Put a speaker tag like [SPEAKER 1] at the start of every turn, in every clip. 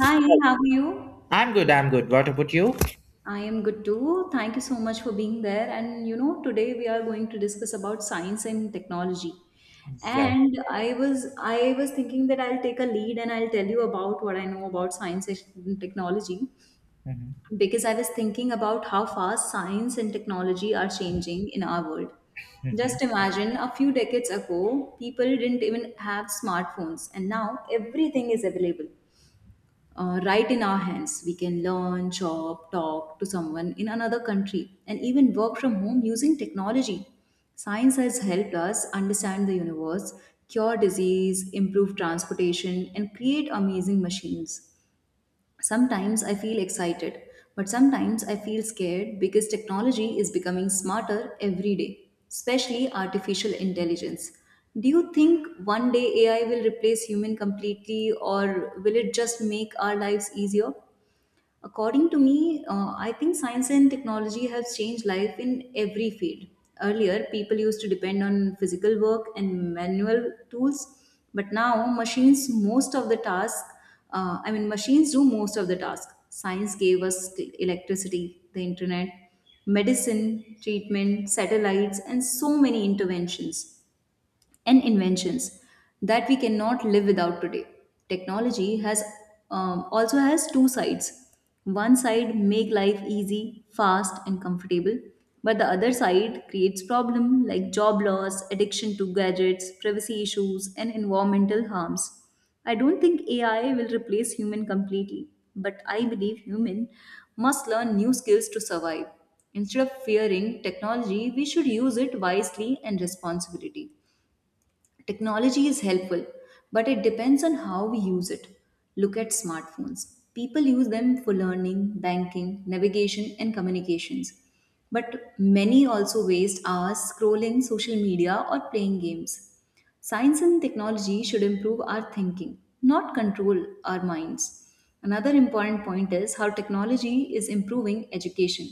[SPEAKER 1] Hi, how are you?
[SPEAKER 2] I'm good, I'm good. What about you?
[SPEAKER 1] I am good too. Thank you so much for being there. And you know, today we are going to discuss about science and technology.
[SPEAKER 2] Yeah.
[SPEAKER 1] And I was thinking that I'll take a lead and I'll tell you about what I know about science and technology
[SPEAKER 2] Mhm,
[SPEAKER 1] because I was thinking about how fast science and technology are changing in our world. Just
[SPEAKER 2] mhm.
[SPEAKER 1] imagine a few decades ago, people didn't even have smartphones, and now everything is available right in our hands. We can learn, shop, talk to someone in another country, and even work from home using technology. Science has helped us understand the universe, cure disease, improve transportation, and create amazing machines. Sometimes I feel excited, but sometimes I feel scared because technology is becoming smarter every day, especially artificial intelligence. Do you think one day AI will replace human completely or will it just make our lives easier? According to me, I think science and technology have changed life in every field. Earlier, people used to depend on physical work and manual tools, but now machines most of the task. I mean, machines do most of the task. Science gave us electricity, the internet, medicine, treatment, satellites, and so many interventions and inventions that we cannot live without today. Technology has also has two sides. One side make life easy, fast, and comfortable, but the other side creates problem like job loss, addiction to gadgets, privacy issues, and environmental harms. I don't think AI will replace human completely, but I believe human must learn new skills to survive. Instead of fearing technology, we should use it wisely and responsibility. Technology is helpful, but it depends on how we use it. Look at smartphones. People use them for learning, banking, navigation, and communications. But many also waste hours scrolling social media or playing games. Science and technology should improve our thinking, not control our minds. Another important point is how technology is improving education.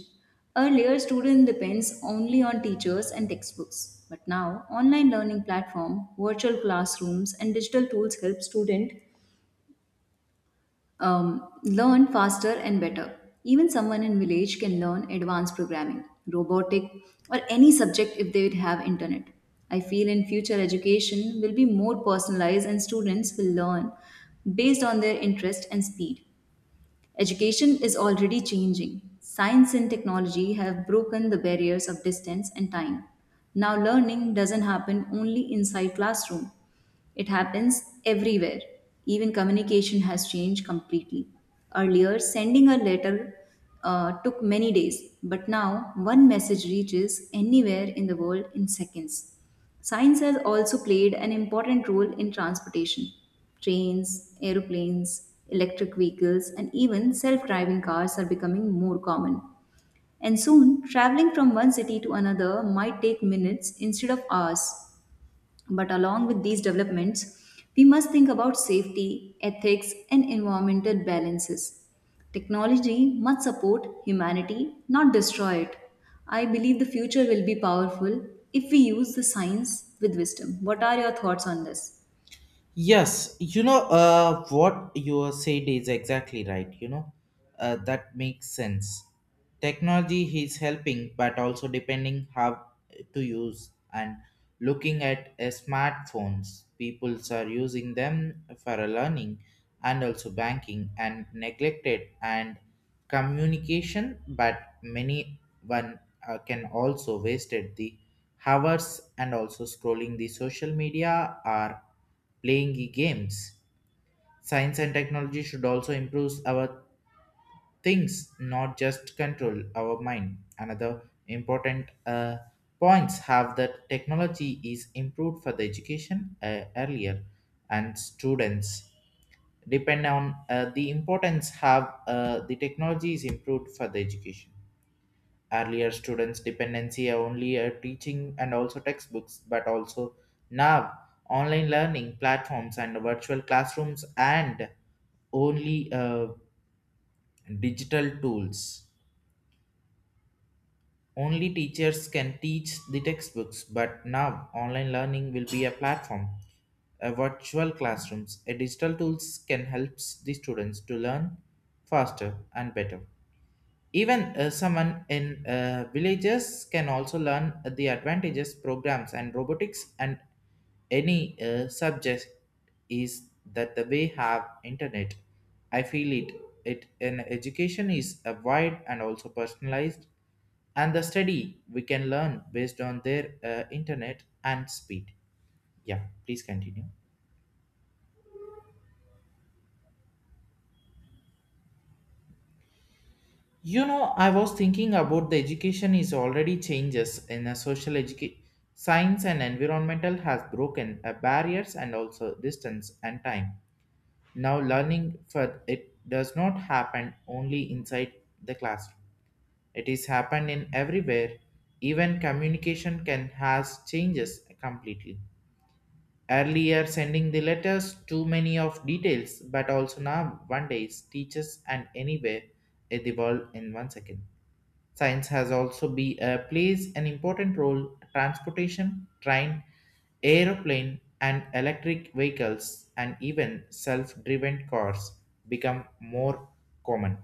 [SPEAKER 1] Earlier, student depends only on teachers and textbooks, but now online learning platform, virtual classrooms, and digital tools help student learn faster and better. Even someone in village can learn advanced programming, robotic, or any subject if they would have internet. I feel in future education will be more personalized and students will learn based on their interest and speed. Education is already changing. Science and technology have broken the barriers of distance and time. Now learning doesn't happen only inside classroom. It happens everywhere. Even communication has changed completely. Earlier, sending a letter took many days, but now one message reaches anywhere in the world in seconds. Science has also played an important role in transportation. Trains, aeroplanes, electric vehicles, and even self driving cars are becoming more common. And soon, traveling from one city to another might take minutes instead of hours. But along with these developments, we must think about safety, ethics, and environmental balances. Technology must support humanity, not destroy it. I believe the future will be powerful if we use the science with wisdom. What are your thoughts on this?
[SPEAKER 2] Yes, you know, what you are said is exactly right. You know, that makes sense. Technology is helping, but also depending how to use and looking at smartphones. People are using them for a learning and also banking and neglected and communication, but many one can also wasted the hours and also scrolling the social media are playing the games. Science and technology should also improve our things, not just control our mind. Another important points have that technology is improved for the education earlier, and students depend on the importance have the technology is improved for the education earlier students dependency only teaching and also textbooks but also now online learning platforms and virtual classrooms and only digital tools only teachers can teach the textbooks but now online learning will be a platform a virtual classrooms a digital tools can help the students to learn faster and better. Even someone in villages can also learn the advantages, programs, and robotics, and any subject is that the way have internet. I feel it. It an education is a wide and also personalized, and the study we can learn based on their internet and speed. Yeah, please continue. You know, I was thinking about the education is already changes in a social education. Science and environmental has broken barriers and also distance and time. Now learning for it does not happen only inside the classroom. It is happened in everywhere. Even communication can has changes completely. Earlier sending the letters too many of details, but also now one day teachers and anywhere in the world in 1 second. Science has also plays an important role transportation, train, aeroplane and electric vehicles and even self-driven cars become more common.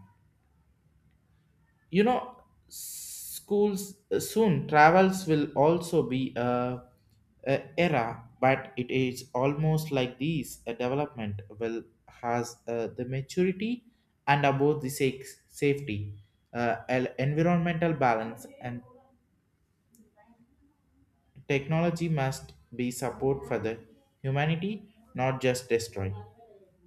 [SPEAKER 2] You know, schools soon travels will also be a era, but it is almost like these a development will has the maturity and about the safety, environmental balance and technology must be support for the humanity, not just destroy.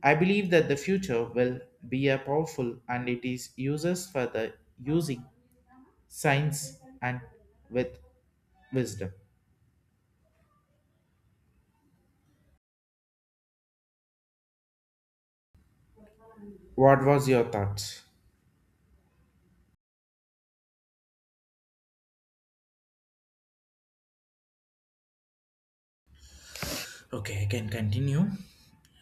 [SPEAKER 2] I believe that the future will be a powerful and it is uses for the using science and with wisdom. What was your thoughts? Okay, I can continue.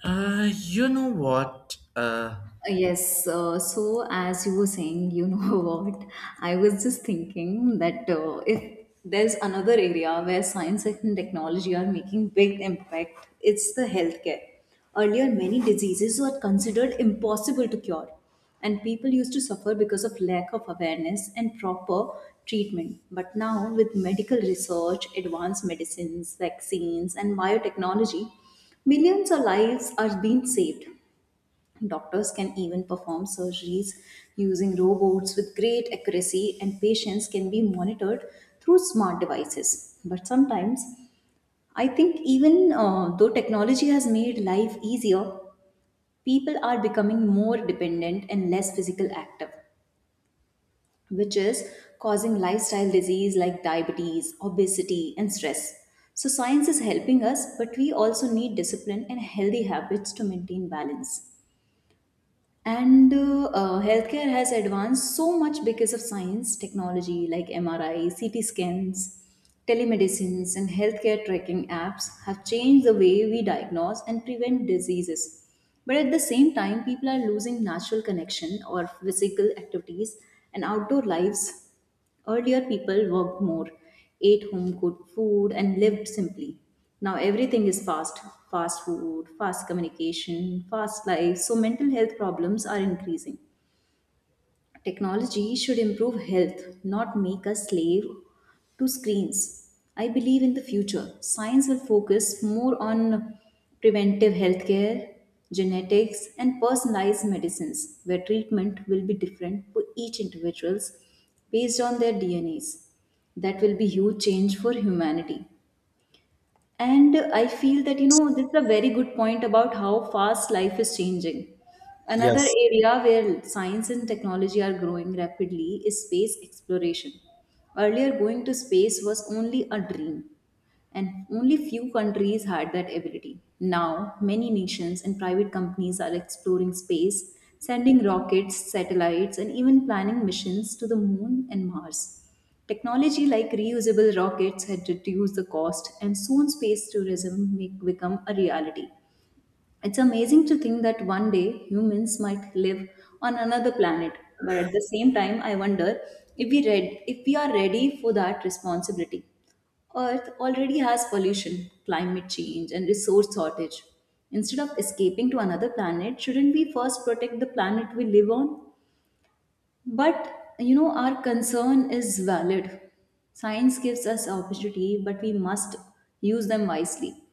[SPEAKER 2] You know what?
[SPEAKER 1] Yes, so as you were saying, you know what, I was just thinking that if there's another area where science and technology are making big impact, it's the healthcare. Earlier, many diseases were considered impossible to cure, and people used to suffer because of lack of awareness and proper treatment. But now, with medical research, advanced medicines, vaccines, and biotechnology, millions of lives are being saved. Doctors can even perform surgeries using robots with great accuracy, and patients can be monitored through smart devices. But sometimes, I think even though technology has made life easier, people are becoming more dependent and less physical active, which is causing lifestyle disease like diabetes, obesity, and stress. So, science is helping us, but we also need discipline and healthy habits to maintain balance. And healthcare has advanced so much because of science technology like MRI CT scans, telemedicines, and healthcare tracking apps have changed the way we diagnose and prevent diseases, but at the same time people are losing natural connection or physical activities and outdoor lives. Earlier, people worked more, ate home cooked food, and lived simply. Now, everything is fast: fast food, fast communication, fast life, so mental health problems are increasing. Technology should improve health, not make us slave to screens. I believe in the future, science will focus more on preventive healthcare, genetics, and personalized medicines, where treatment will be different for each individuals based on their DNAs. That will be huge change for humanity. And I feel that, you know, this is a very good point about how fast life is changing. Another
[SPEAKER 2] Yes,
[SPEAKER 1] area where science and technology are growing rapidly is space exploration. Earlier, going to space was only a dream, and only few countries had that ability. Now, many nations and private companies are exploring space, sending rockets, satellites, and even planning missions to the moon and Mars. Technology like reusable rockets had reduced the cost, and soon space tourism may become a reality. It's amazing to think that one day humans might live on another planet, but at the same time, I wonder if we are ready for that responsibility. Earth already has pollution, climate change, and resource shortage. Instead of escaping to another planet, shouldn't we first protect the planet we live on? But you know, our concern is valid. Science gives us opportunity, but we must use them wisely.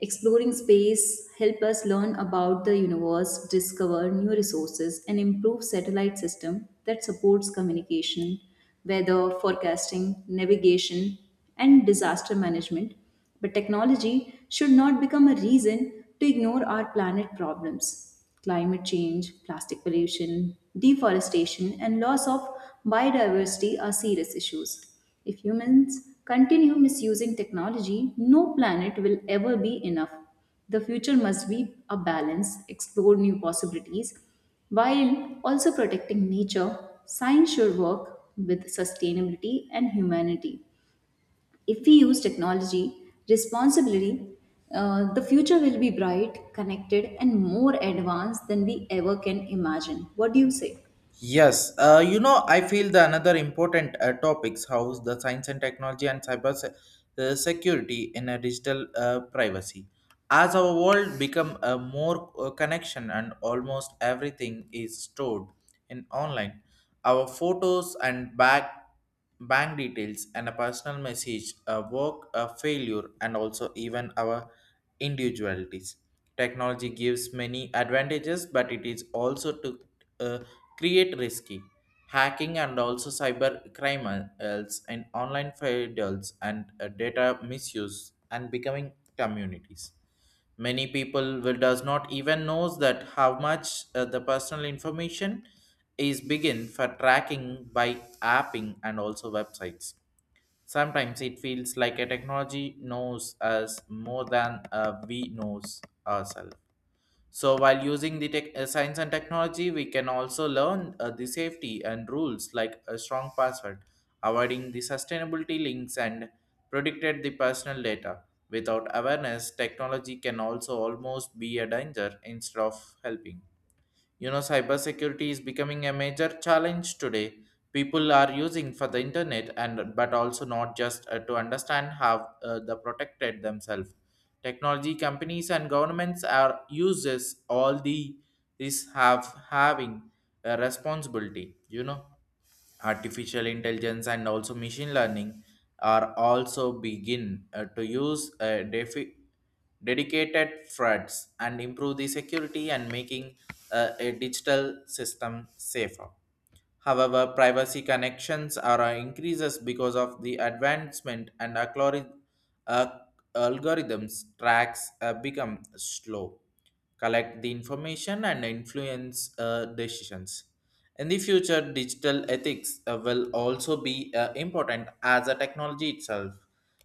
[SPEAKER 1] Exploring space help us learn about the universe, discover new resources, and improve satellite system that supports communication, weather forecasting, navigation, and disaster management. But technology should not become a reason to ignore our planet problems. Climate change, plastic pollution, deforestation, and loss of biodiversity are serious issues. If humans continue misusing technology, no planet will ever be enough. The future must be a balance, explore new possibilities, while also protecting nature, science should work with sustainability and humanity. If we use technology responsibly, the future will be bright, connected, and more advanced than we ever can imagine. What do you say?
[SPEAKER 2] yes, you know, I feel the another important topics house the science and technology and security in a digital privacy. As our world become a more connection and almost everything is stored in online, our photos and back bank details and a personal message, a work, a failure, and also even our individualities. Technology gives many advantages, but it is also to uh, create risky hacking and also cyber criminals and online files and data misuse and becoming communities many people will does not even knows that how much the personal information is begin for tracking by apping and also websites sometimes it feels like a technology knows us more than we knows ourselves so, while using the science and technology, we can also learn the safety and rules like a strong password, avoiding the sustainability links, and protected the personal data. Without awareness, technology can also almost be a danger instead of helping. You know, cybersecurity is becoming a major challenge today. People are using for the internet and but also not just to understand how the protected themselves. Technology companies and governments are uses all the this have having a responsibility. You know artificial intelligence and also machine learning are also begin to use dedicated threats and improve the security and making a digital system safer, however privacy connections are increases because of the advancement and uh, algorithms tracks become slow collect the information and influence decisions. In the future, digital ethics will also be important as a technology itself.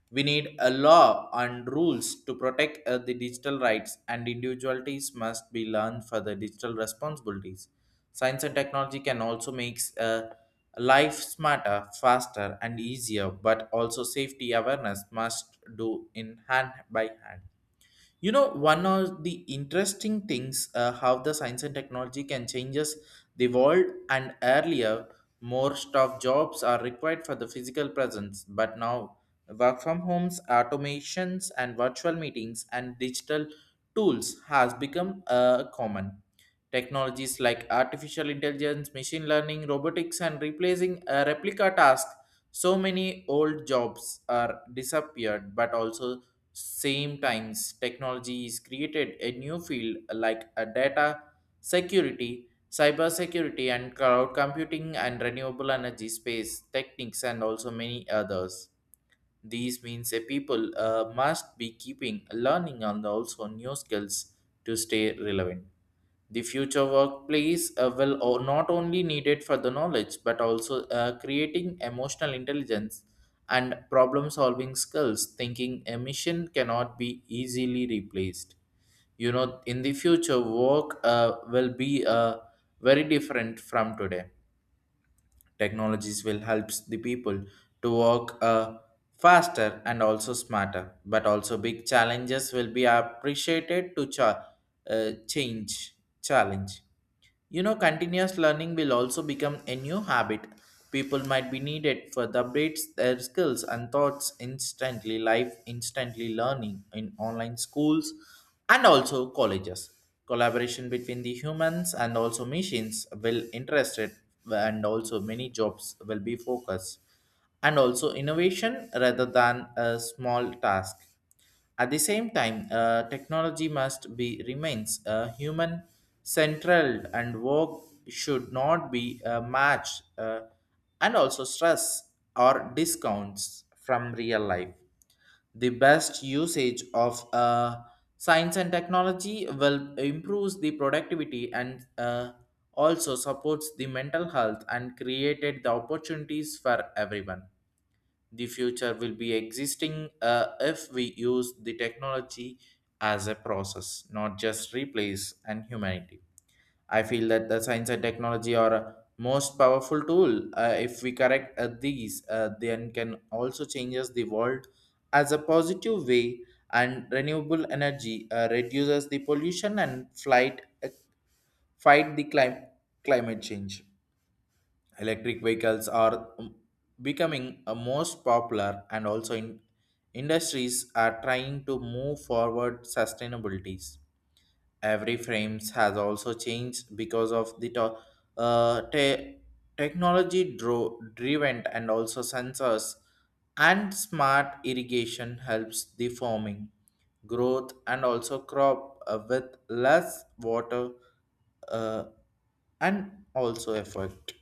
[SPEAKER 2] We need a law and rules to protect the digital rights, and individualities must be learned for the digital responsibilities. Science and technology can also make life smarter, faster, and easier, but also safety awareness must do in hand by hand. You know, one of the interesting things how the science and technology can changes the world and earlier more staff jobs are required for the physical presence, but now work from homes, automations and virtual meetings and digital tools has become common. Technologies like artificial intelligence, machine learning, robotics and replacing replica tasks so many old jobs are disappeared but also same times technology is created a new field like a data security cyber security, and cloud computing and renewable energy space techniques and also many others these means a people must be keeping learning and also new skills to stay relevant. The future workplace not only needed for the knowledge but also creating emotional intelligence and problem solving skills. Thinking a mission cannot be easily replaced. You know, in the future, work will be very different from today. Technologies will help the people to work faster and also smarter, but also big challenges will be appreciated to change challenge. You know, continuous learning will also become a new habit. People might be needed for the updates their skills and thoughts instantly, life instantly learning in online schools and also colleges. Collaboration between the humans and also machines will interested and also many jobs will be focused and also innovation rather than a small task at the same time, technology must be remains human central and work should not be matched and also stress or discounts from real life. The best usage of science and technology will improve the productivity and also supports the mental health and created the opportunities for everyone. The future will be existing if we use the technology as a process, not just replace and humanity. I feel that the science and technology are a most powerful tool. If we correct these, then can also changes the world as a positive way. And renewable energy reduces the pollution and fight the climate change. Electric vehicles are becoming most popular and also in industries are trying to move forward sustainabilities. Every frames has also changed because of the uh, te- technology driven and also sensors and smart irrigation helps the farming growth and also crop with less water uh, and also effort.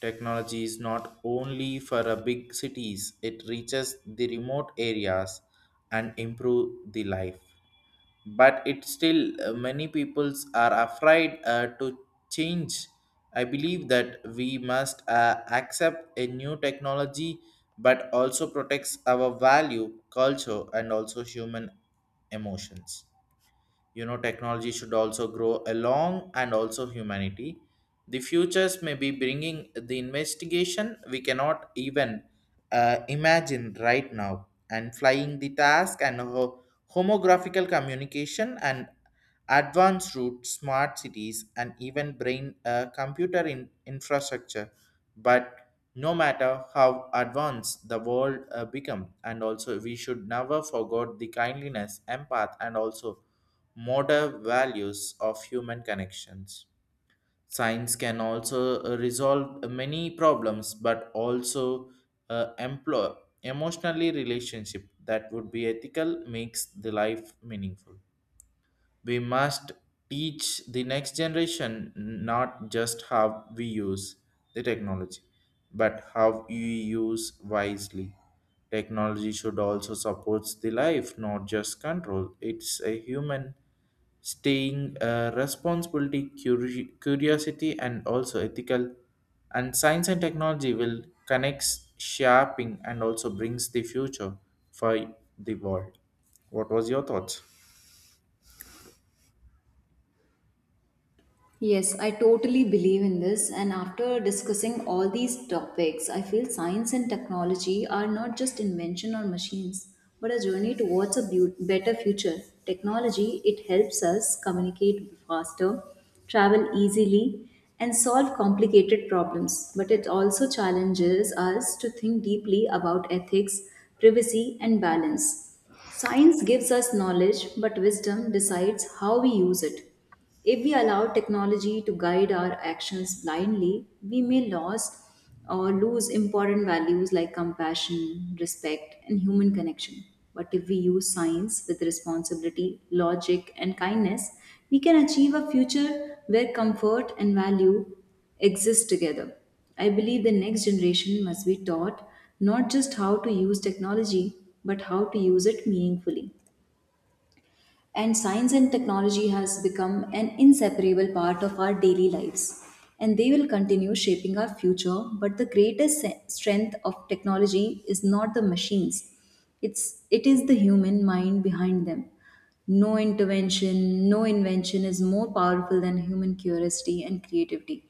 [SPEAKER 2] Technology is not only for a big cities it reaches the remote areas and improve the life but it still many peoples are afraid to change. I believe that we must accept a new technology but also protects our value culture and also human emotions. You know technology should also grow along and also humanity. The futures may be bringing the investigation we cannot even imagine right now and flying the task and homographical communication and advanced route smart cities and even brain computer in infrastructure but no matter how advanced the world become and also we should never forget the kindliness empath and also modern values of human connections. Science can also resolve many problems, but also employ emotionally relationship that would be ethical makes the life meaningful. We must teach the next generation not just how we use the technology, but how you use wisely. Technology should also support the life, not just control. It's a human staying responsibility curiosity and also ethical and science and technology will connects shaping and also brings the future for the world. What was your thoughts?
[SPEAKER 1] Yes, I totally believe in this. And after discussing all these topics, I feel science and technology are not just invention or machines, but a journey towards a better future. Technology, it helps us communicate faster, travel easily, and solve complicated problems. But it also challenges us to think deeply about ethics, privacy, and balance. Science gives us knowledge, but wisdom decides how we use it. If we allow technology to guide our actions blindly, we may lose important values like compassion, respect, and human connection. But if we use science with responsibility, logic, and kindness, we can achieve a future where comfort and value exist together. I believe the next generation must be taught not just how to use technology, but how to use it meaningfully. And science and technology has become an inseparable part of our daily lives. And they will continue shaping our future. But the greatest strength of technology is not the machines, it is the human mind behind them. No intervention, no invention is more powerful than human curiosity and creativity.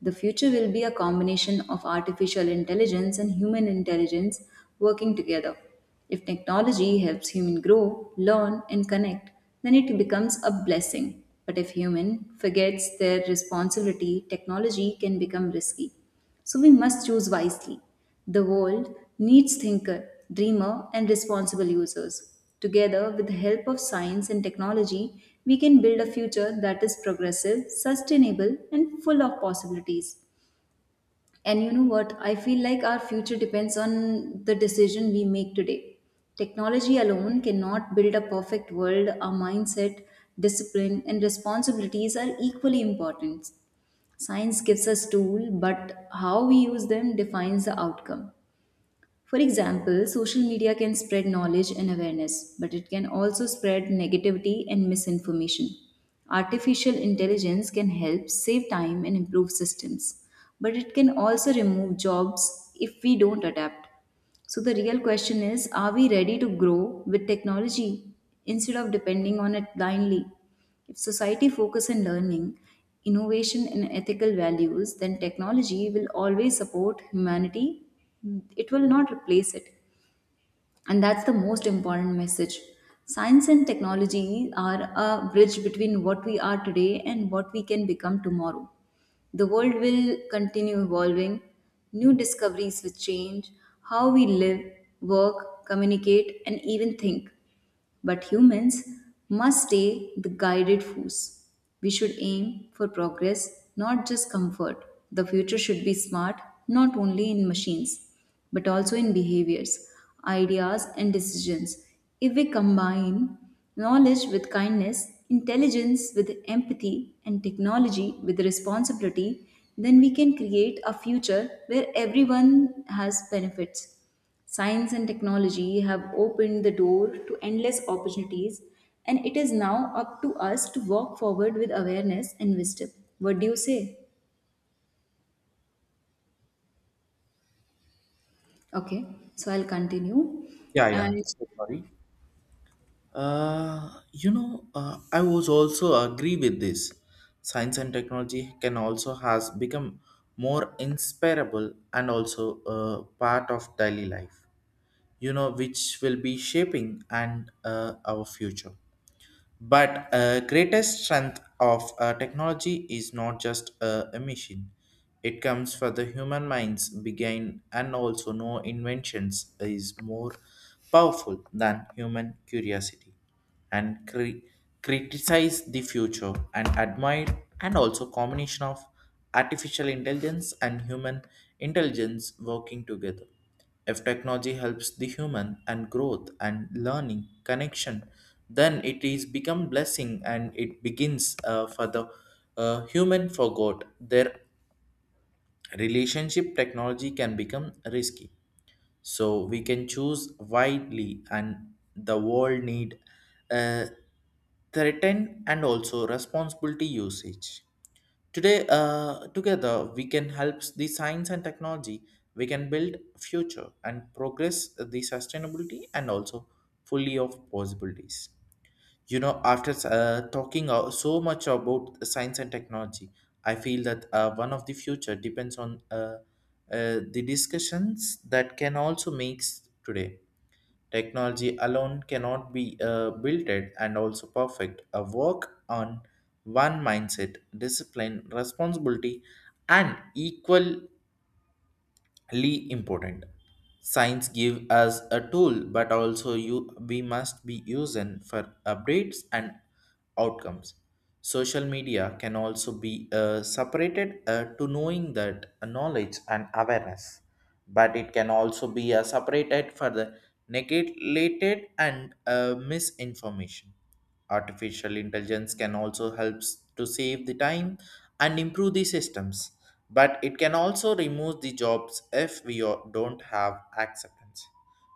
[SPEAKER 1] The future will be a combination of artificial intelligence and human intelligence working together. If technology helps human grow, learn, and connect, then it becomes a blessing. But if human forgets their responsibility, technology can become risky. So we must choose wisely. The world needs thinker, dreamer, and responsible users. Together, with the help of science and technology, we can build a future that is progressive, sustainable, and full of possibilities. And you know what? I feel like our future depends on the decision we make today. Technology alone cannot build a perfect world. Our mindset, discipline, and responsibilities are equally important. Science gives us tools, but how we use them defines the outcome. For example, social media can spread knowledge and awareness, but it can also spread negativity and misinformation. Artificial intelligence can help save time and improve systems, but it can also remove jobs if we don't adapt. So, the real question is are we ready to grow with technology instead of depending on it blindly? If society focus on learning, innovation and ethical values, then technology will always support humanity. It will not replace it. And that's the most important message. Science and technology are a bridge between what we are today and what we can become tomorrow. The world will continue evolving, new discoveries will change how we live, work, communicate, and even think. But humans must stay the guided force. We should aim for progress, not just comfort. The future should be smart, not only in machines, but also in behaviors, ideas, and decisions. If we combine knowledge with kindness, intelligence with empathy, and technology with responsibility, then we can create a future where everyone has benefits. Science and technology have opened the door to endless opportunities, and it is now up to us to walk forward with awareness and wisdom. What do you say? Okay, so I'll continue.
[SPEAKER 2] Yeah,
[SPEAKER 1] And
[SPEAKER 2] so sorry. You know, I was also agree with this. Science and technology can also has become more inspirable and also part of daily life, you know, which will be shaping and our future. But greatest strength of technology is not just a machine. It comes for the human minds begin and also no inventions is more powerful than human curiosity and criticize the future and admire and also combination of artificial intelligence and human intelligence working together. If technology helps the human and growth and learning connection, then it is become blessing and it begins for the human forgot their relationship technology can become risky. So we can choose widely and the world need uh, threatened and also responsibility usage. Today, together we can help the science and technology. We can build future and progress the sustainability and also fully of possibilities. You know, after talking so much about science and technology, I feel that one of the future depends on the discussions that can also makes today. Technology alone cannot be built it and also perfect. A work on one mindset, discipline, responsibility, and equally important. Science give us a tool, but also you we must be using for updates and outcomes. Social media can also be separated to knowing that knowledge and awareness but it can also be separated for the negated and misinformation. Artificial intelligence can also help to save the time and improve the systems, but it can also remove the jobs if we don't have acceptance.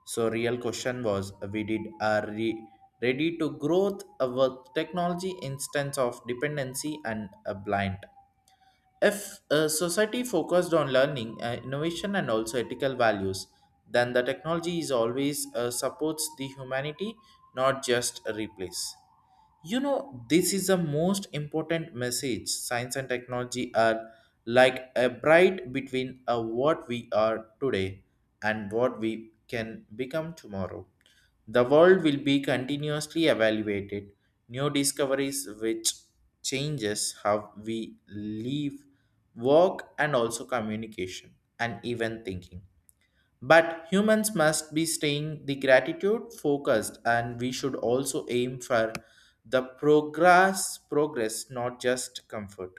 [SPEAKER 2] So real question was we ready to growth with technology instance of dependency and a blind. If a society focused on learning, innovation, and also ethical values, then the technology is always supports the humanity, not just a replace. You know, this is the most important message. Science and technology are like a bright between what we are today and what we can become tomorrow. The world will be continuously evaluated. New discoveries which changes how we live, work, and also communication and even thinking. But humans must be staying the gratitude focused and we should also aim for the progress not just comfort.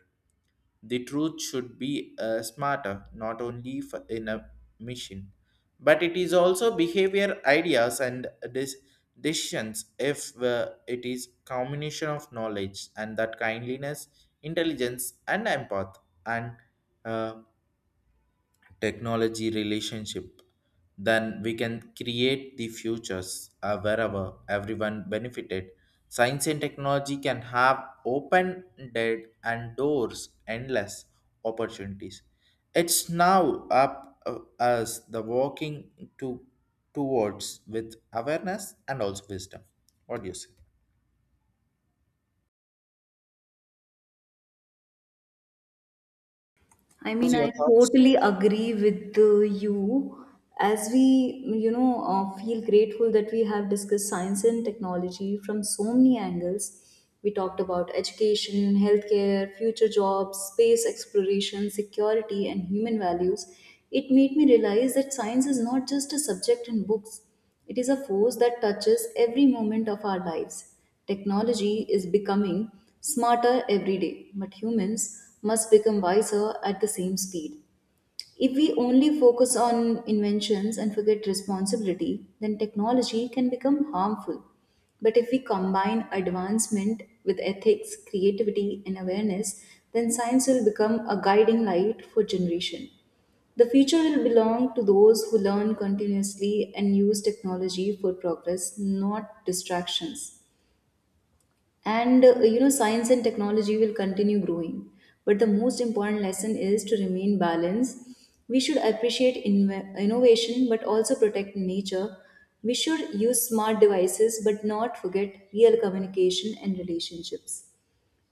[SPEAKER 2] The truth should be smarter not only for, in a mission but it is also behavior ideas and dis- decisions. If it is combination of knowledge and that kindliness intelligence and empath and uh, technology relationship, then we can create the futures wherever everyone benefited. Science and technology can have open-ended and doors endless opportunities. It's now up us the walking to towards with awareness and also wisdom. What do you say?
[SPEAKER 1] I
[SPEAKER 2] What's
[SPEAKER 1] mean,
[SPEAKER 2] your
[SPEAKER 1] I
[SPEAKER 2] thoughts?
[SPEAKER 1] totally agree with you. As we, feel grateful that we have discussed science and technology from so many angles. We talked about education, healthcare, future jobs, space exploration, security, and human values. It made me realize that science is not just a subject in books. It is a force that touches every moment of our lives. Technology is becoming smarter every day, but humans must become wiser at the same speed. If we only focus on inventions and forget responsibility, then technology can become harmful. But if we combine advancement with ethics, creativity, and awareness, then science will become a guiding light for generation. The future will belong to those who learn continuously and use technology for progress, not distractions. And science and technology will continue growing. But the most important lesson is to remain balanced. We should appreciate innovation but also protect nature. We should use smart devices but not forget real communication and relationships.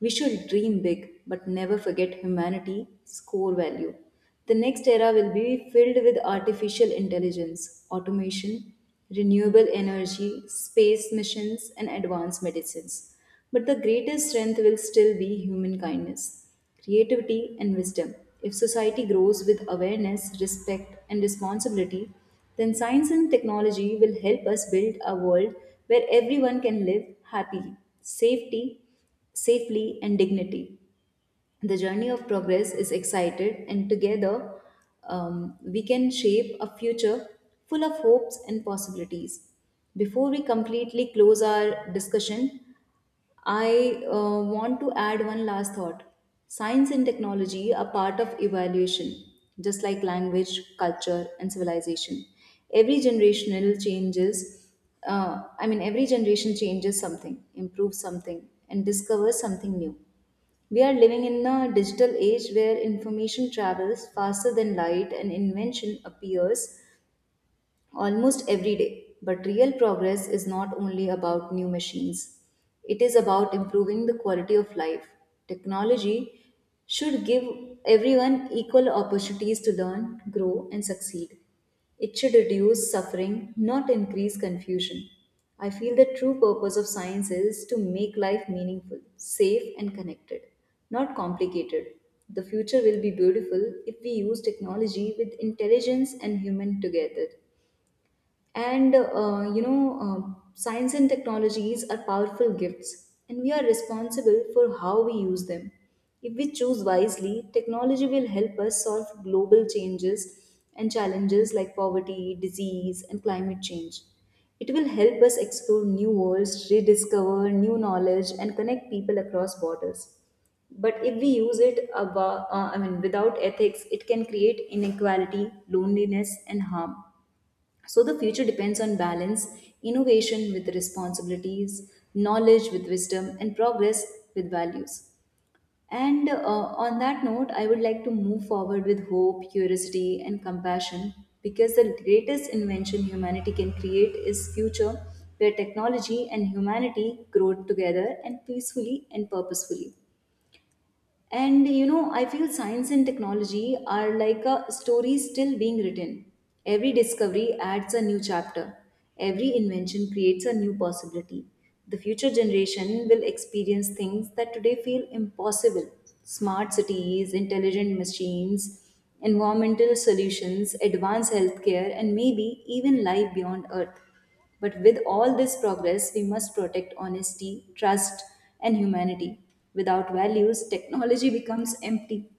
[SPEAKER 1] We should dream big, but never forget humanity's core value. The next era will be filled with artificial intelligence, automation, renewable energy, space missions, and advanced medicines. But the greatest strength will still be human kindness, creativity, and wisdom. If society grows with awareness, respect, and responsibility, then science and technology will help us build a world where everyone can live happily. Safety Safely and dignity. The journey of progress is excited, and together we can shape a future full of hopes and possibilities. Before we completely close our discussion, I want to add one last thought. Science and technology are part of evaluation, just like language, culture, and civilization. Every generational changes, every generation changes something, improves something, and discovers something new. We are living in a digital age where information travels faster than light and invention appears almost every day. But real progress is not only about new machines, it is about improving the quality of life. Technology should give everyone equal opportunities to learn, grow, and succeed. It should reduce suffering, not increase confusion. I feel the true purpose of science is to make life meaningful, safe, and connected, not complicated. The future will be beautiful if we use technology with intelligence and human together. And science and technologies are powerful gifts, and we are responsible for how we use them. If we choose wisely, technology will help us solve global changes and challenges like poverty, disease, and climate change. It will help us explore new worlds, rediscover new knowledge, and connect people across borders. But if we use it without ethics, it can create inequality, loneliness, and harm. So the future depends on balance, innovation with responsibilities, knowledge with wisdom, and progress with values. And on that note, I would like to move forward with hope, curiosity, and compassion because the greatest invention humanity can create is future where technology and humanity grow together and peacefully and purposefully. And you know, I feel science and technology are like a story still being written. Every discovery adds a new chapter, every invention creates a new possibility. The future generation will experience things that today feel impossible smart cities, intelligent machines, environmental solutions, advanced healthcare, and maybe even life beyond Earth. But with all this progress, we must protect honesty, trust, and humanity. Without values, technology becomes empty.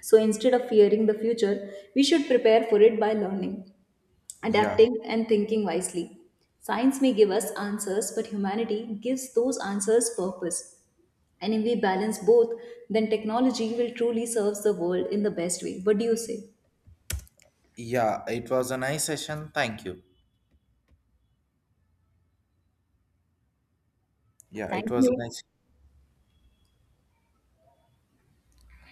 [SPEAKER 1] So instead of fearing the future, we should prepare for it by learning,
[SPEAKER 2] Yeah,
[SPEAKER 1] adapting, and thinking wisely. Science may give us answers, but humanity gives those answers purpose. And if we balance both, then technology will truly serve the world in the best way. What do you say?
[SPEAKER 2] yeah, it was a nice session. Thank you. Yeah, it
[SPEAKER 1] Thank
[SPEAKER 2] was a
[SPEAKER 1] you.
[SPEAKER 2] nice.